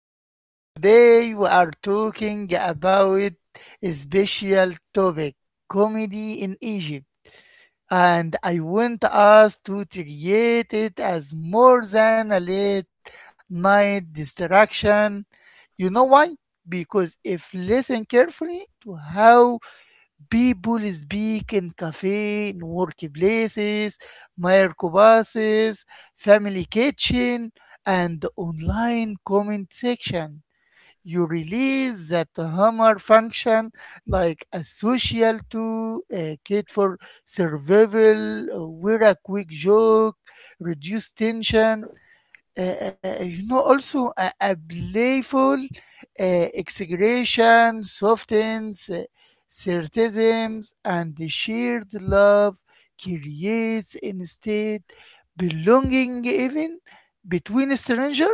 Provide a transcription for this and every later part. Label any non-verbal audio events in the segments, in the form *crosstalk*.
everyone. Today we are talking about a special topic, comedy in Egypt. And I want us to create it as more than a late night distraction. You know why? Because if listen carefully to how people speak in cafe, in workplaces, microbuses, family kitchen, and online comment section. You release that hammer function like a social tool, a kit for survival, or where a quick joke, reduce tension, also a playful exaggeration softens sarcasms, and the shared love creates instead belonging even between a stranger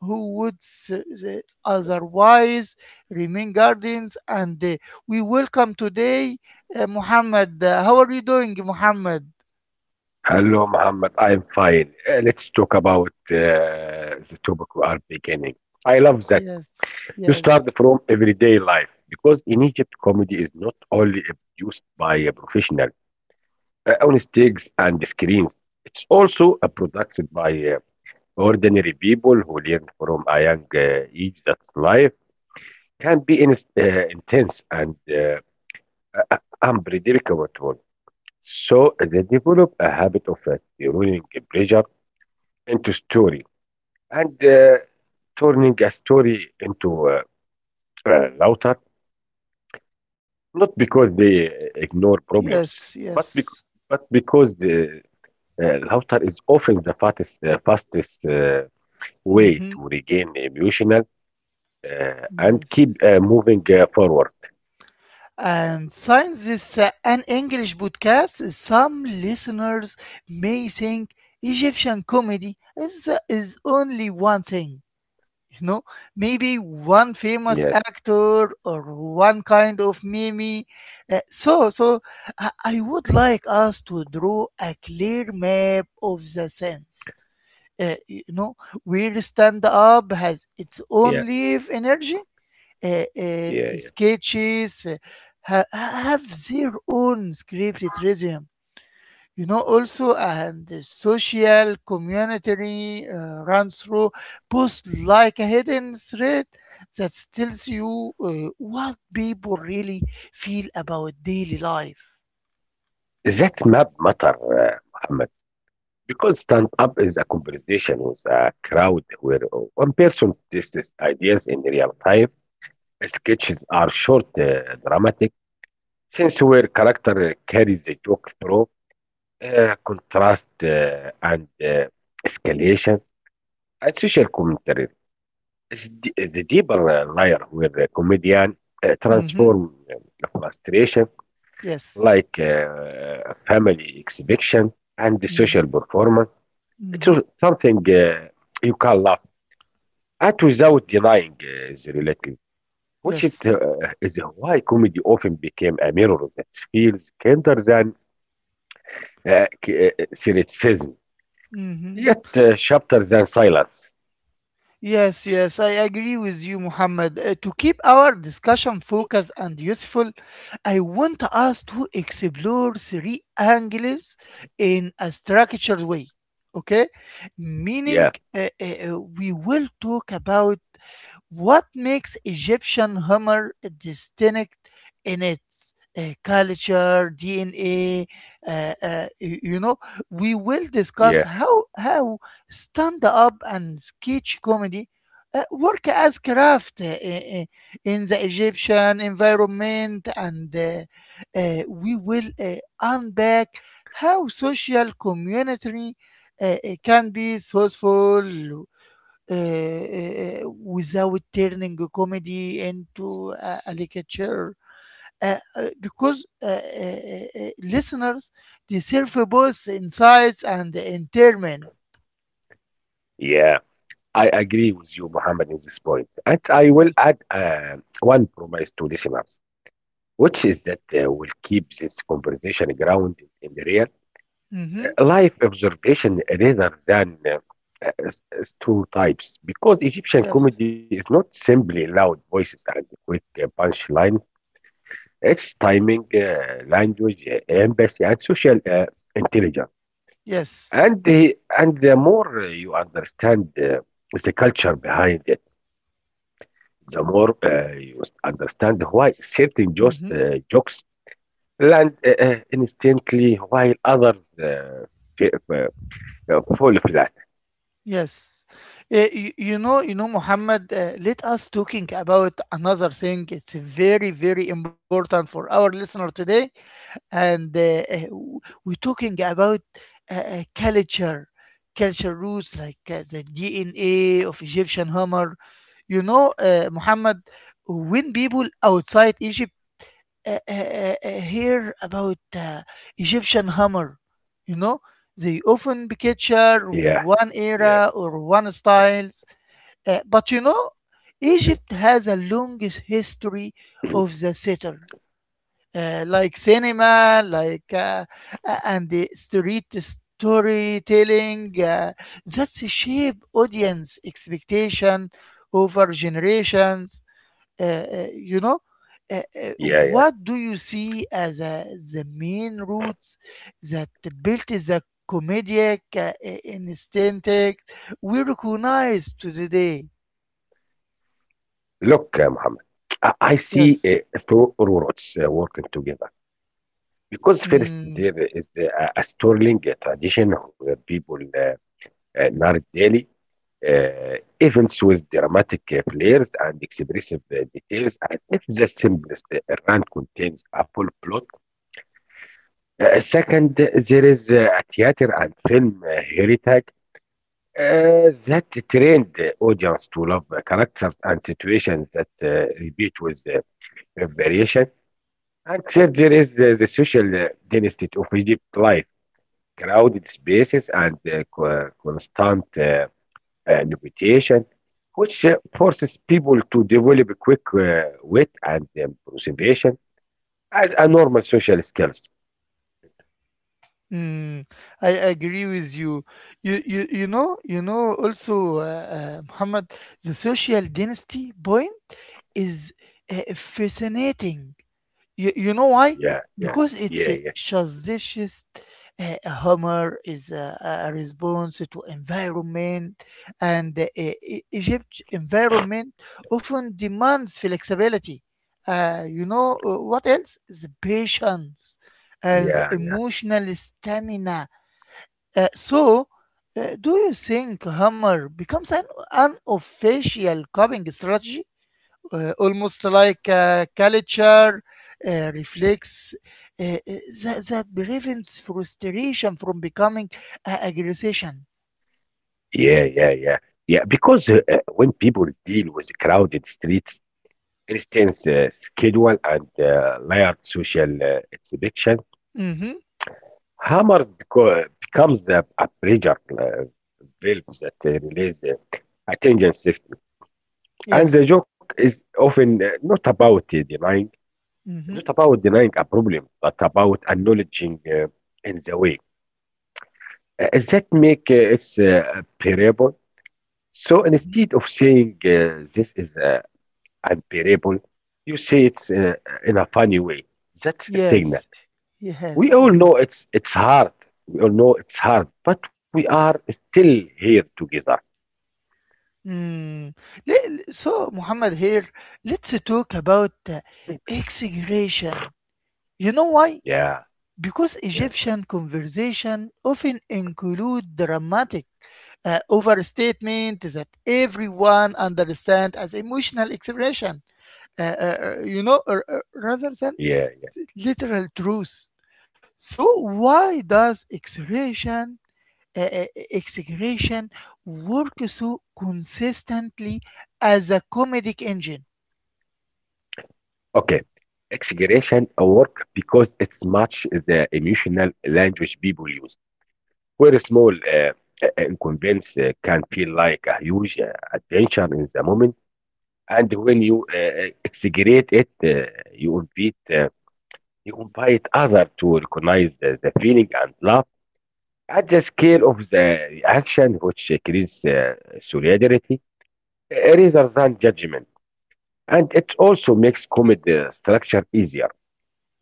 who would otherwise remain guardians. And we welcome today Muhammad. How are you doing, Muhammad? Hello, Muhammad. I'm fine. Let's talk about the topic we are beginning. I love that Yes, you start yes, from everyday life because in Egypt, comedy is not only produced by a professional on stage and screens. It's also produced by ordinary people who learn from a young age that life can be in, intense and unpredictable. So they develop a habit of turning pressure into stories and turning a story into a router, not because they ignore problems, yes, but bec- yes. but because the router is often the fastest fastest way to Mhm. regain emotional and keep Yes. Moving forward. And since this is an English podcast, some listeners may think Egyptian comedy is only one thing, you know, maybe one famous Yeah, actor or one kind of meme. So I would like us to draw a clear map of the sense. Uh, you know, where stand up has its yeah, own live energy, yeah, sketches ha- have their own scripted rhythm. Also, and the social community runs through posts like a hidden thread that tells you what people really feel about daily life. yeah. That map matter, Muhammad, because stand up is a conversation with a crowd where one person tests ideas in real time. Sketches are short, dramatic scenes where character carries the joke through contrast and escalation and social commentary. It's the deeper layer where the comedian Mm-hmm. transforms frustration Yes. like family exhibition and the Mm-hmm. social performance, into Mm-hmm. something you can laugh at without denying the reality. Which is, uh, Yes. is why comedy often became a mirror that feels kinder than cynicism, Mm-hmm. yet sharper than silence. Yes, yes, I agree with you, Muhammad. To keep our discussion focused and useful, I want us to explore three angles in a structured way. Okay, meaning Yeah, we will talk about what makes Egyptian humor distinct in its culture, DNA. Uh, uh, y- you know, we will discuss yeah, how stand up and sketch comedy work as craft, in the Egyptian environment, and we will unpack how social community can be sourceful, without turning a comedy into a caricature. Because listeners deserve both insights and entertainment. yeah. I agree with you, Mohammed, in this point. And I will Yes. add one promise to listeners, which is that we'll keep this conversation grounded in the real Mm-hmm. Life observation rather than two types because Egyptian Yes. comedy is not simply loud voices and quick punchlines. Its timing, language, empathy, and social intelligence. Yes. And the more you understand the culture behind it, the more you understand why certain jokes, Mm-hmm. uh, jokes land instantly while others f- f- fall flat. Yes. Muhammad, let us talking about another thing. It's very, very important for our listener today. And we're talking about culture, culture roots like the DNA of Egyptian Homer. You know, Muhammad, when people outside Egypt hear about Egyptian Homer, you know, they often picture Yeah, one yeah, era or one styles. But Egypt has a longest history of the settler, like cinema, like and the street storytelling. That's shape audience expectation over generations. Uh, uh, you know, Uh, uh, yeah. what do you see as the main roots that built the comedic instinct we recognize to the day? Look, Muhammad, I see Yes. Through roots working together. Because first Hmm. there is a strong tradition where people narrate daily events with dramatic players and expressive details as if the simplest rant contains a full plot. Second, there is a theater and film heritage that trained the audience to love characters and situations that repeat with variation. And third, there is the social dynasty of Egypt life, crowded spaces and constant navigation, which forces people to develop quick wit and observation as a normal social skills. Mm, I agree with you. You you know also Muhammad, the social dynasty point is fascinating. You know why? Yeah, yeah, Because it's yeah, a yeah, suggestions, humor is a response to environment, and the Egypt environment often demands flexibility. You know what else? The patience and the yeah, yeah, emotional stamina. Uh, so, do you think hammer becomes an unofficial coping strategy, almost like a culture reflects, uh, uh, that prevents frustration from becoming a aggression? yeah, yeah, yeah. Yeah, because when people deal with crowded streets, instance schedule and layered social exhibition, Mm-hmm. hammers becomes a pressure valve that release attention shift. And the Yes. joke is often not about denying, not Mm-hmm. about denying a problem, but about acknowledging in the way is that make it bearable. So Mm-hmm. instead of saying this is unbearable, you say it's in a funny way. That's a signal. Yes. We Yes. all know Yes. it's hard. We all know it's hard, but we are still here together. Mm. So, Muhammad, here, let's talk about exaggeration. You know why? Yeah, Because yeah, Egyptian conversation often include dramatic overstatement that everyone understand as emotional expression, rather than yeah. literal truth. So why does exaggeration, uh, uh, exaggeration work so consistently as a comedic engine? Okay. Exaggeration work because it's much the emotional language people use. Where a small inconvenience can feel like a huge adventure in the moment, and when you exaggerate it, you invite others to recognize the feeling and laugh at the scale of the reaction, which creates solidarity rather than judgment, and it also makes comedy structure easier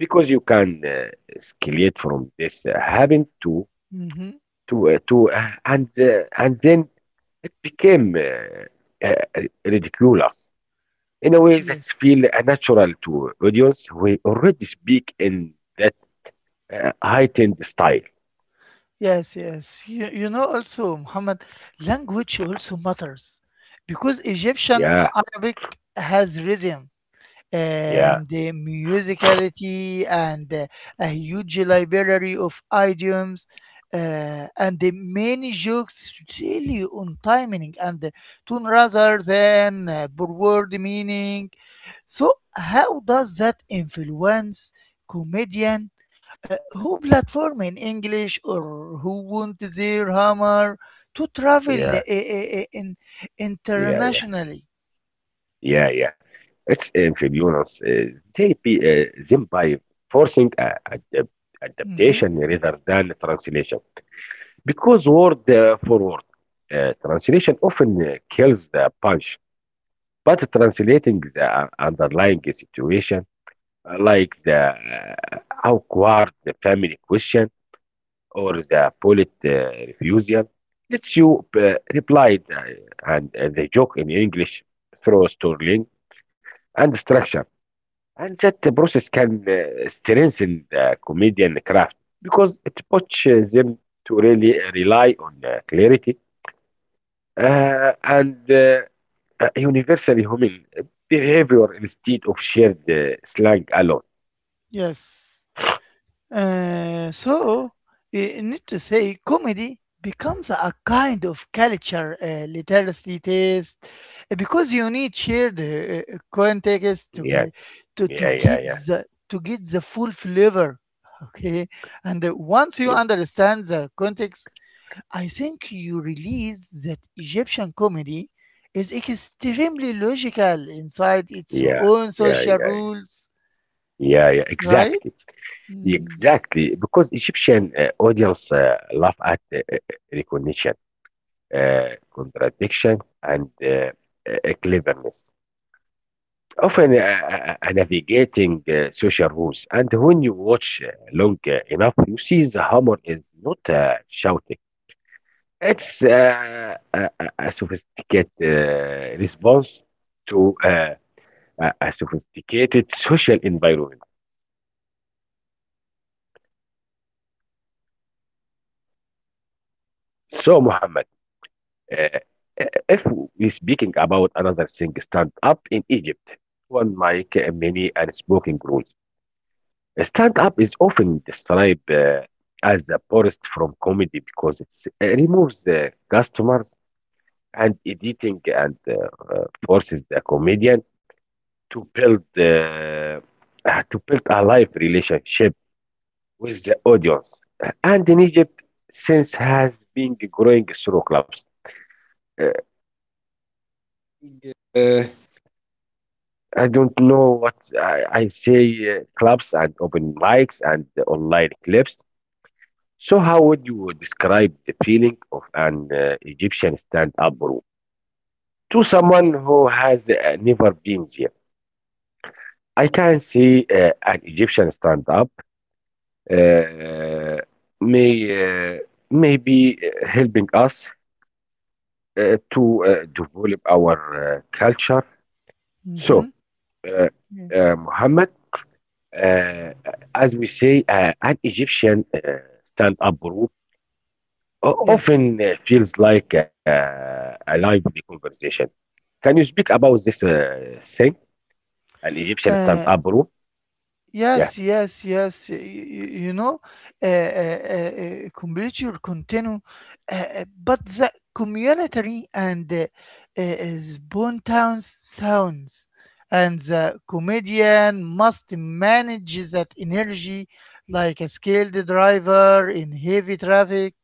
because you can escalate from this happened to Hmm. And and then it became ridiculous in a way that Yes. feel natural to audience who already speak in that heightened style. Yes, yes. You know also, Muhammad, language also matters because Egyptian Yeah, Arabic has rhythm yeah, and the musicality and a huge library of idioms, and the many jokes really on timing and the tone rather than per word meaning. So how does that influence comedian who platform in English or who want their humor to travel yeah, in yeah, yeah, internationally? yeah. It's inferiorance. They be them by forcing Mhm. adaptation rather than translation. Because word for word translation often kills the punch, but translating the underlying situation, like the uh, awkward family question or the polite refusal, lets you reply the, and the joke in English through storytelling and structure. And that process can strengthen the comedian craft because it pushes them to really rely on clarity and universally human behavior instead of shared slang alone. Yes. Uh, so, Need to say, comedy becomes a kind of culture literacy test, because you need shared context Yeah, to to yeah, yeah, get yeah, the to get the full flavor. Okay, and once you yeah, understand the context, I think you realize that Egyptian comedy is extremely logical inside its yeah, own yeah, social yeah, rules, yeah, yeah, right? exactly, Mm-hmm. exactly. Because Egyptian audience laugh at recognition, contradiction, and cleverness. Often navigating social rules, and when you watch long enough, you see the humor is not shouting. It's a sophisticated response to a sophisticated social environment. So, Muhammad, uh, if we speaking about another thing, stand up in Egypt, one mic, many unspoken rules. Stand up is often described as the poorest from comedy because it removes the customers and editing and forces the comedian to build uh, to build a live relationship with the audience. And in Egypt, since has been growing through clubs. Uh, Uh, I don't know what I say clubs and open mics and online clips. So how would you describe the feeling of an Egyptian stand-up room to someone who has never been there? I can see an Egyptian stand-up uh, may uh, may be helping us to develop our culture. Mm-hmm. So, uh, Yeah. Muhammad, uh, as we say, an Egyptian stand-up group often Yes. Feels like a live conversation. Can you speak about this thing, an Egyptian Uh, stand-up group? Yeah, Yes, yes, yes. You know, complete your continue, but the community and spontaneous sounds, and the comedian must manage that energy like a skilled driver in heavy traffic,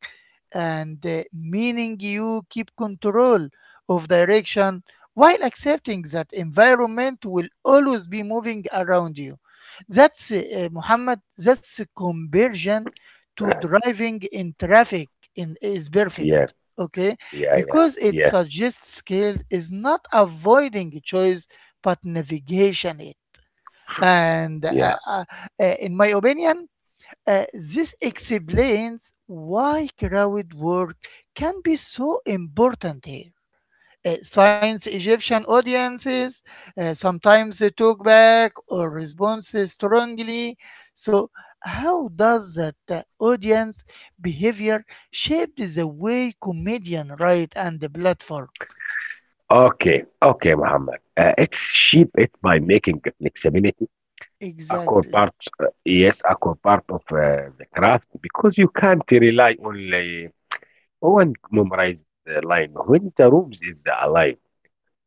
and meaning you keep control of direction while accepting that environment will always be moving around you. That's Muhammad, that's conversion to driving in traffic in, is perfect. yeah, Okay, yeah, yeah, because it yeah, suggests skill is not avoiding choice but navigation it. And yeah. In my opinion, this explains why crowd work can be so important here, science Egyptian audiences sometimes they talk back or respond strongly. So, how does that audience behavior shape the way comedian write and the platform? Okay, okay, Muhammad. It's shaped by making flexibility core Exactly. part, yes, a core part of the craft because you can't rely only on memorized line when the rooms is alive.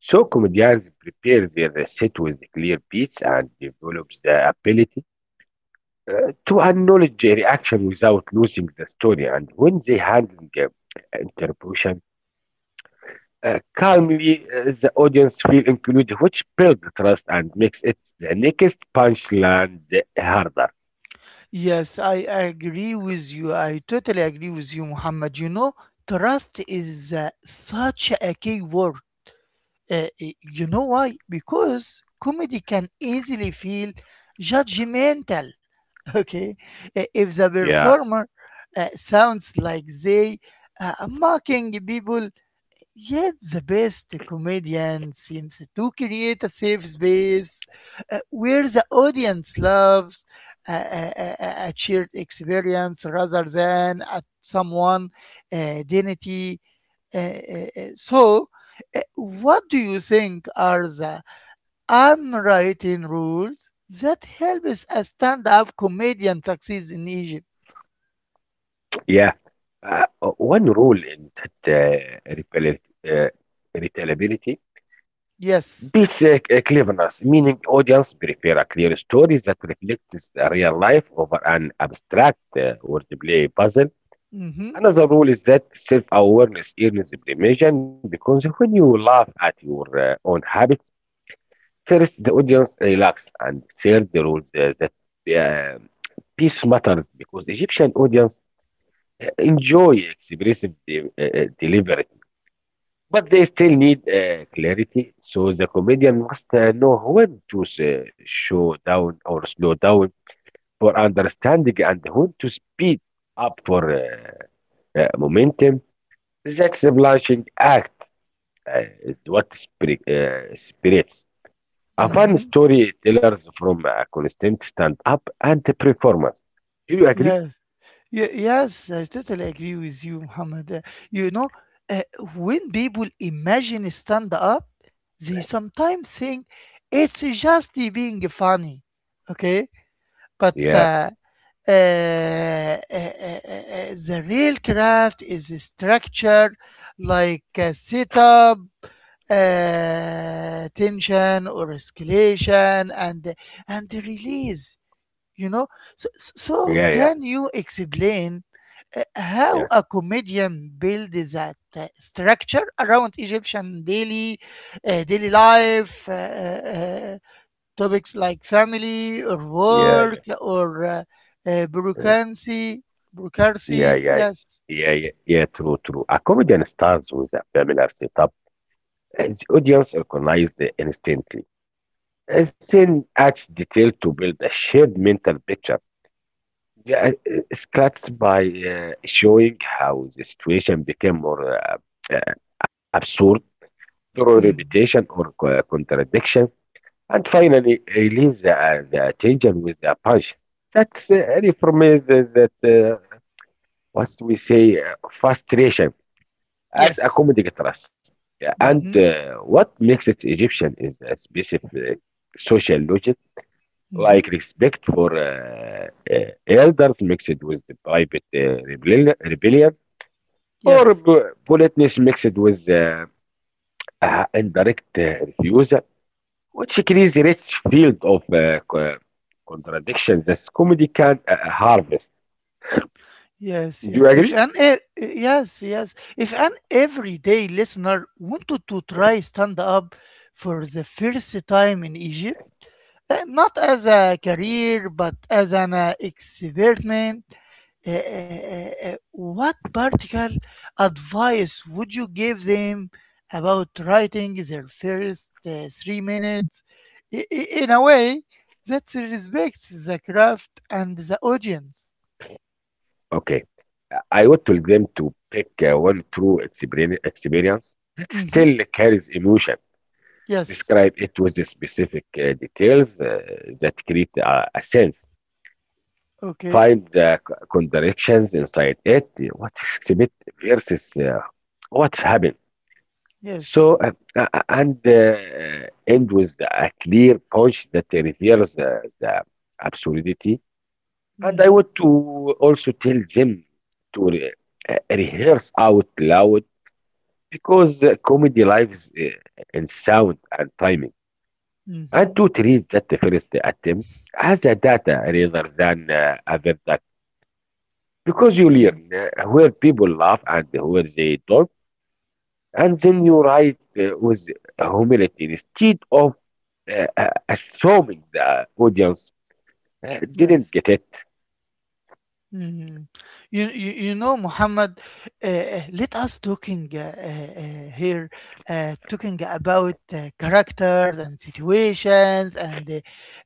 So comedians prepare their set with clear beats and develops the ability to acknowledge a reaction without losing the story. And when they handle the interpretation calmly, the audience feel included, which builds trust and makes it the next punchline harder. Yes, I agree with you. I totally agree with you, Muhammad. You know, trust is such a key word. You know why? Because comedy can easily feel judgmental. *laughs* Okay, if the Yeah. performer sounds like they mocking people, yet the best comedian seems to create a safe space where the audience loves a shared experience rather than at someone identity. So what do you think are the unwritten rules that helps a stand-up comedian succeed in Egypt? Yeah. Uh, One rule in that uh, retellability Yes. beats cleverness, meaning audience prefer a clear story that reflects the real life over an abstract wordplay puzzle. Mm-hmm. Another rule is that self-awareness earns permission because when you laugh at your own habits, first the audience relax, and third the rules that uh, peace matters because Egyptian audience enjoy expressive delivery. But they still need clarity, so the comedian must know when to s- show down or slow down for understanding and when to speed up for momentum. That's a blushing act is what spirits. A fun Mm-hmm. storytellers from a constant stand up and performance. Do you agree? Yes. Yes, I totally agree with you, Muhammad. You know, uh, when people imagine stand-up, they sometimes think it's just being funny. Okay? But Yeah, uh, uh, uh, uh, uh, uh, the real craft is structure, like a setup, tension or escalation and release. You know so, so so yeah, yeah, can you explain how yeah, a comedian builds that structure around Egyptian daily, daily life, topics like family or work yeah, or yeah. bureaucracy. Yeah, Bureaucracy, yeah, yes. yeah, yeah, yeah, true, true. A comedian starts with a familiar setup and the audience recognizes it instantly, and then adds detail to build a shared mental picture. The sketches by showing how the situation became more uh, absurd through Mm, repetition or contradiction, and finally release the tension with a punch. That's really for me the, that what we say frustration, as a yes. comedy trust. Yeah. And Hmm. uh, what makes it Egyptian is a specific social logic, like Hmm. respect for elders mixed with the private rebellion, rebellion, or Yes. Politeness mixed with indirect refusal, which creates a rich field of contradictions that comedy can harvest. Yes, Do you yes. If agree? an e- e, Yes, yes. If an everyday listener wanted to try stand up for the first time in Egypt, not as a career but as an experiment, what particular advice would you give them about writing their first 3 minutes in a way that respects the craft and the audience? Okay. I would tell them to pick one true experience that still Hmm. carries emotion. Yes. Describe it with the specific details that create a sense. Okay. Find the contradictions inside it, what is exhibit versus what happened. Yes. So, and end with a clear punch that reveals the absurdity. And I Mhm. want to also tell them to rehearse out loud because comedy lives in sound and timing, and Mhm. to treat that the first attempt as a data rather than a verdict. Because you Yeah. learn where people laugh and where they don't, and then you Yes. write with humility instead of assuming the audience didn't Yes. get it. Mhm. You know, Muhammad, let us talking here, talking about characters and situations and uh,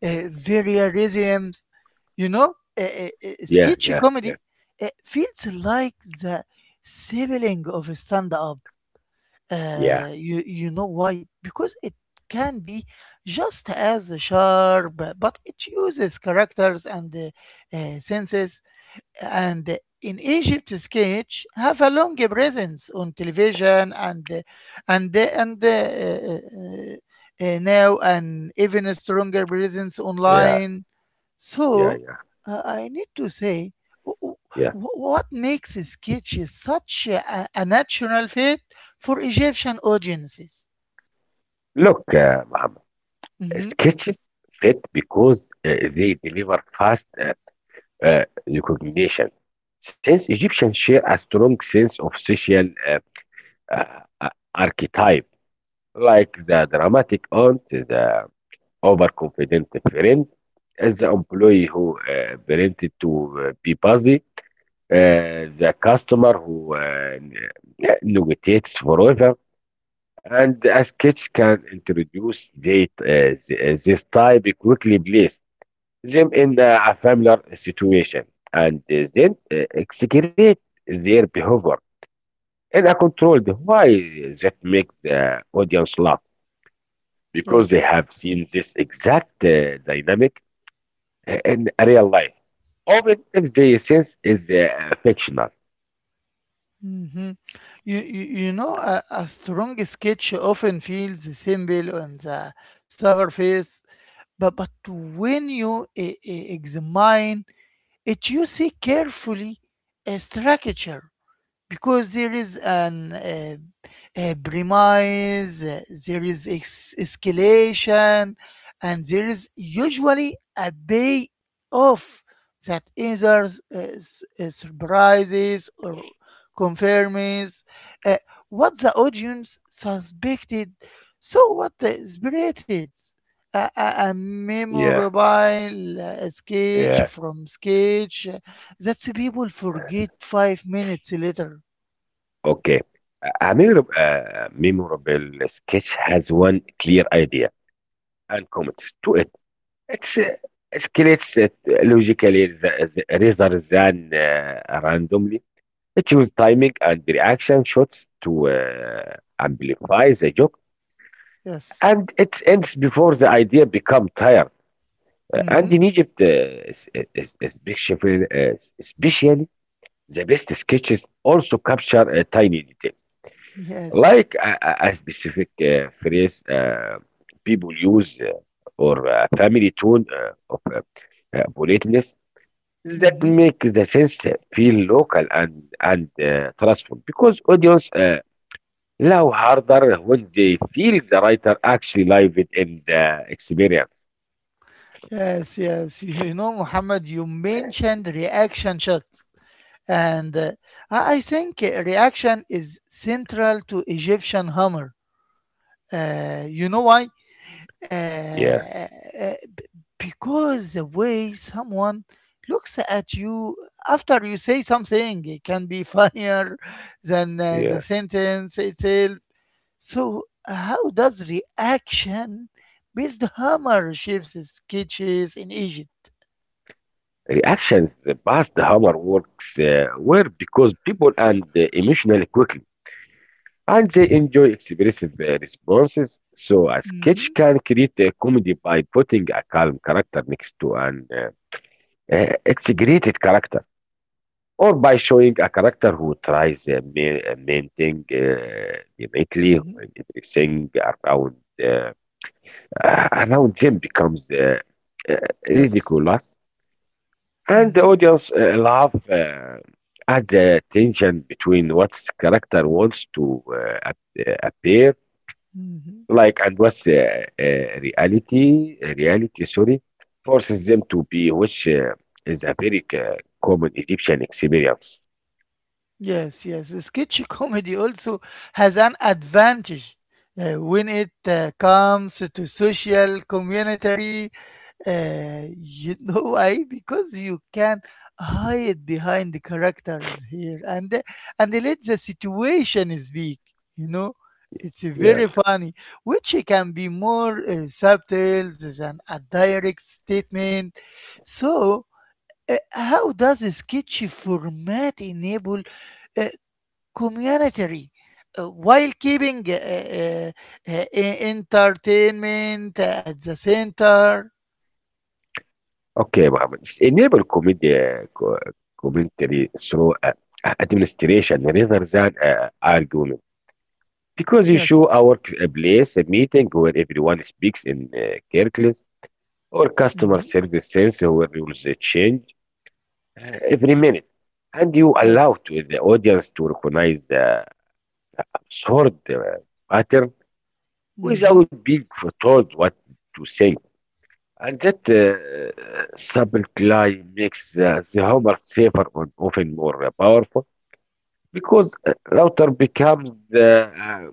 uh, variations. You know, Yeah, sketchy yeah, comedy yeah, feels like the sibling of a stand-up. yeah, You you know why? Because it can be just as sharp, but it uses characters and senses. And in Egypt, sketch have a long presence on television and now an even stronger presence yeah, online. yeah, So yeah, I need to say, wh- yeah. what makes a sketch such a natural fit for Egyptian audiences? Look, Muhammad, Mhm. sketches fit because they deliver fast recognition. Since Egyptians share a strong sense of social uh, uh, archetype, like the dramatic aunt, the overconfident friend, the employee who pretended to be busy, the customer who negotiates forever, and a sketch can introduce this type quickly, place them in a familiar situation, and then execrate their behavior in a controlled way that makes the audience laugh because they have Yes. seen this exact dynamic in real life. Often, if the sense is fictional. Mhm. You, you know, a strong sketch often feels simple on the surface, but, when you examine it, you see carefully a structure because there is an a premise, there is escalation, and there is usually a day off that either surprises or confirms uh, what the audience suspected. So, what the spirit is a Yeah, memorable sketch yeah. from sketch that's people forget 5 minutes later. Okay. A memorable, memorable sketch has one clear idea and commit to it. It's escalates it logically the rather than randomly. It uses timing and reaction shots to amplify the joke, Yes. and it ends before the idea becomes tired. Uh, Mm-hmm. and in Egypt, es- especially, uh, especially the best sketches also capture a tiny detail, Yes. like a specific phrase people use, or a family tune of politeness that Mm-hmm. make the sense feel local and trustful because audience love harder when they feel the writer actually live it in the experience. Yes, yes. You know, Muhammad, you mentioned reaction shots. And I think reaction is central to Egyptian humor. You know why? Uh, Yeah, b- because the way someone looks at you after you say something, it can be *laughs* funnier than the yeah. sentence itself. So, how does reaction based humor shapes the sketches in Egypt? Reactions past the hammer works were because people and emotionally quickly and they enjoy expressive responses. So a sketch Mm-hmm, can create a comedy by putting a calm character next to an exaggerated character, or by showing a character who tries mainting demetly mm-hmm, when everything around uh, around them becomes uh, yes. ridiculous, and the Mm-hmm, audience laugh at the tension between what character wants to appear mm-hmm. like and what's reality reality sorry forces them to be, which is a very common Egyptian experience. Yes, yes. The sketch *laughs* comedy also has an advantage when it comes to social community. You *laughs* know why? Because you can hide behind the characters here and let the situation speak. You know, it's Yeah. very funny, which can be more subtle than a direct statement. So, how does a sketchy format enable uh, community while keeping entertainment at the center? Okay, Mohammed. Enable commentary through administration rather than argument. Because you show Yes. a workplace a meeting where everyone speaks in circles or customer Hmm. service sense where rules change every minute. And you allow Yes. to the audience to recognize the absurd pattern without Hmm. being told what to think. عن جد سب Supply makes the Hummer safer and often more powerful because router becomes uh,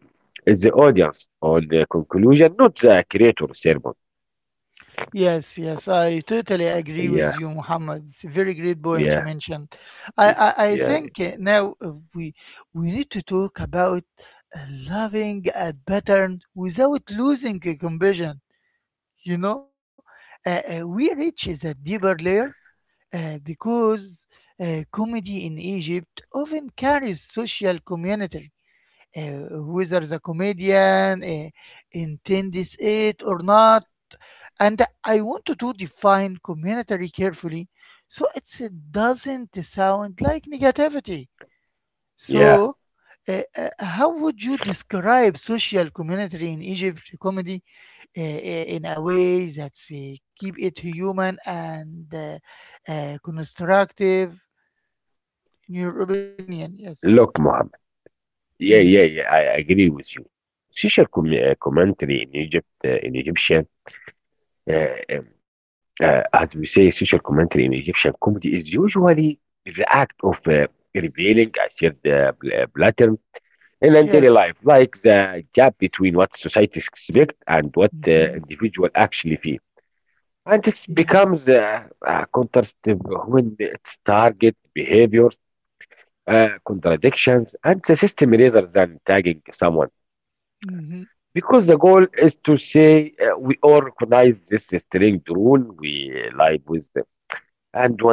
the audience on the conclusion, not the creator sermon. Yes, yes, I totally agree with Yeah, you, Muhammad. It's a very great point you yeah, mentioned. I, yeah, I, I yeah, think now we need to talk about uh, loving a pattern without losing a compassion. You know, we reach is a deeper layer, because comedy in Egypt often carries social community, whether the comedian intends it or not, and I want to do define community carefully so it doesn't sound like negativity. So, yeah. How would you describe social community in Egypt comedy in a way that keep it human and constructive? In your opinion, yes. Look, Mohammed. Yeah, Hmm. yeah, yeah. I agree with you. Social commentary in Egypt, in Egyptian, uh, um, as we say, social commentary in Egyptian comedy is usually the act of revealing a shared pattern in and daily life, Yes. like the gap between what society expects and what the Hmm. individual actually feel. And it Yes. becomes contrastive when its target behaviors, contradictions, and the system rather than tagging someone. Mm-hmm. Because the goal is to say, we all recognize this strange rule we live with.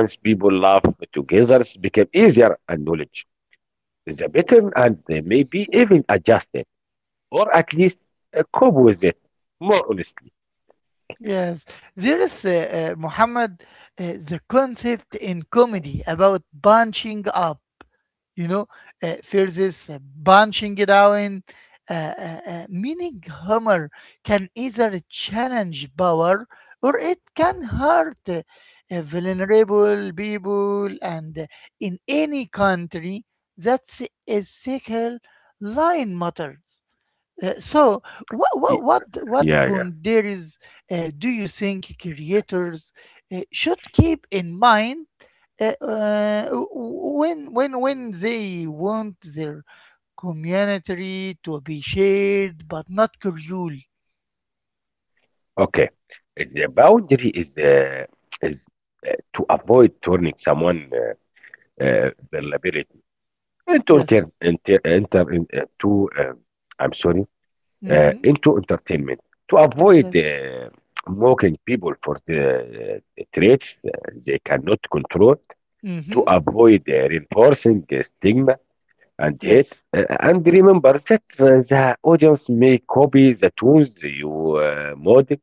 And once people laugh together, it became easier and knowledge is a pattern and they may be even adjusted, or at least cope with it more honestly. Yes, there is, Muhammad, the concept in comedy about bunching up, you know, versus bunching down, meaning humor can either challenge power or it can hurt vulnerable people. And in any country, that's a second line matters. So what Y- Yeah, yeah. boundaries do you think creators should keep in mind, uh, uh, w- when they want their community to be shared but not cruel? Okay. The boundary is is to avoid turning someone vulnerability into enter, Yes. enter, enter in, to I'm sorry, Mm-hmm. into entertainment, to avoid Yes. Mocking people for the traits they cannot control, to Mm-hmm. avoid reinforcing stigma and hate. Yes. And remember that the audience may copy the tunes you model.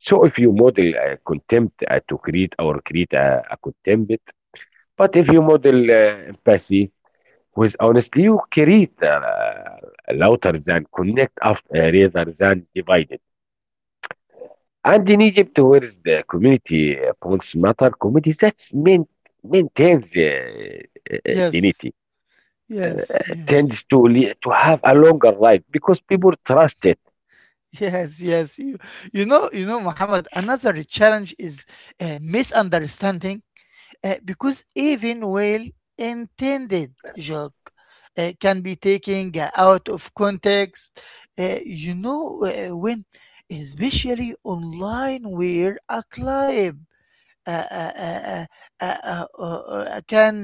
So if you model contempt to create or create a contempt, but if you model empathy with honestly, you create louder than connect after, rather than divided. And in Egypt, where is the community points matter, community that's meant maintains Yes, dignity, yes, yes, tends to le to have a longer life because people trust it. *laughs* yes, yes. You know, Muhammad. Another challenge is misunderstanding. Because even well intended joke can be taken out of context. You know, when, especially online, where a client uh, uh, uh, can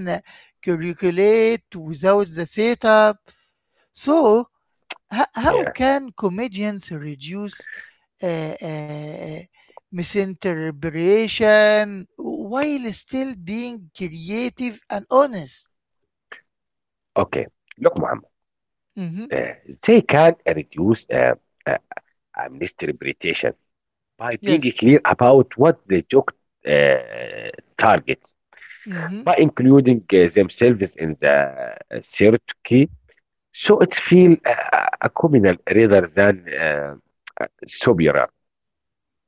calculate without the setup. So, how Yeah. can comedians reduce uh, uh, misinterpretation while still being creative and honest? Okay. Look, Muhammad, Hmm. uh, they can reduce misinterpretation by being Yes. clear about what the joke uh, targets, by Hmm. including themselves in the hierarchy, so it feels a communal rather than superior.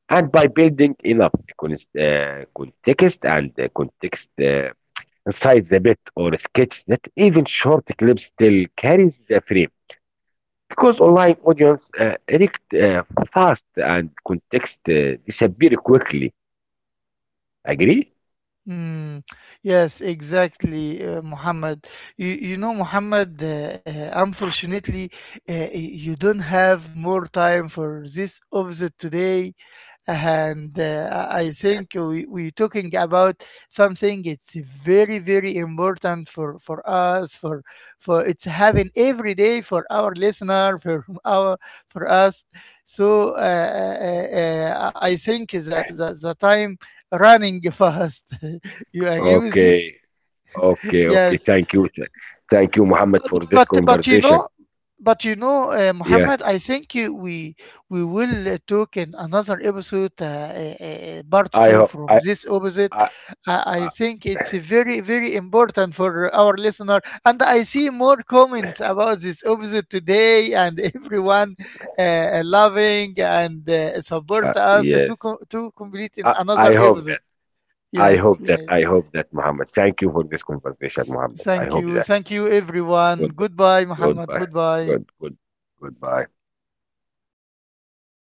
And by building enough con- context and context inside the bit or sketch that even short clips still carries the frame because online audience react fast and context disappear quickly. Agree? Mm. Yes, exactly, Muhammad. You know, Muhammad, unfortunately, you don't have more time for this episode today. And I think we're talking about something it's very very important for us for it's having every day for our listener for *laughs* our for us, so I think the time running *laughs* fast. *laughs* You agree with me? Okay, okay, okay. Yes, Thank you. Thank you, Muhammad, for this but conversation. Yeah, Muhammad, I think we will talk in another episode, part I two hope. from this episode. I, I I think it's very very important for our listener, and I see more comments about this episode today, and *laughs* everyone loving and support us to yes, complete in another I hope episode. that. I Yes, hope that. yes. I hope that, Muhammad. Thank you for this conversation, Muhammad. I hope that. Thank you, everyone. Good. Goodbye, Goodbye. Muhammad. Good. Goodbye. Good. Goodbye.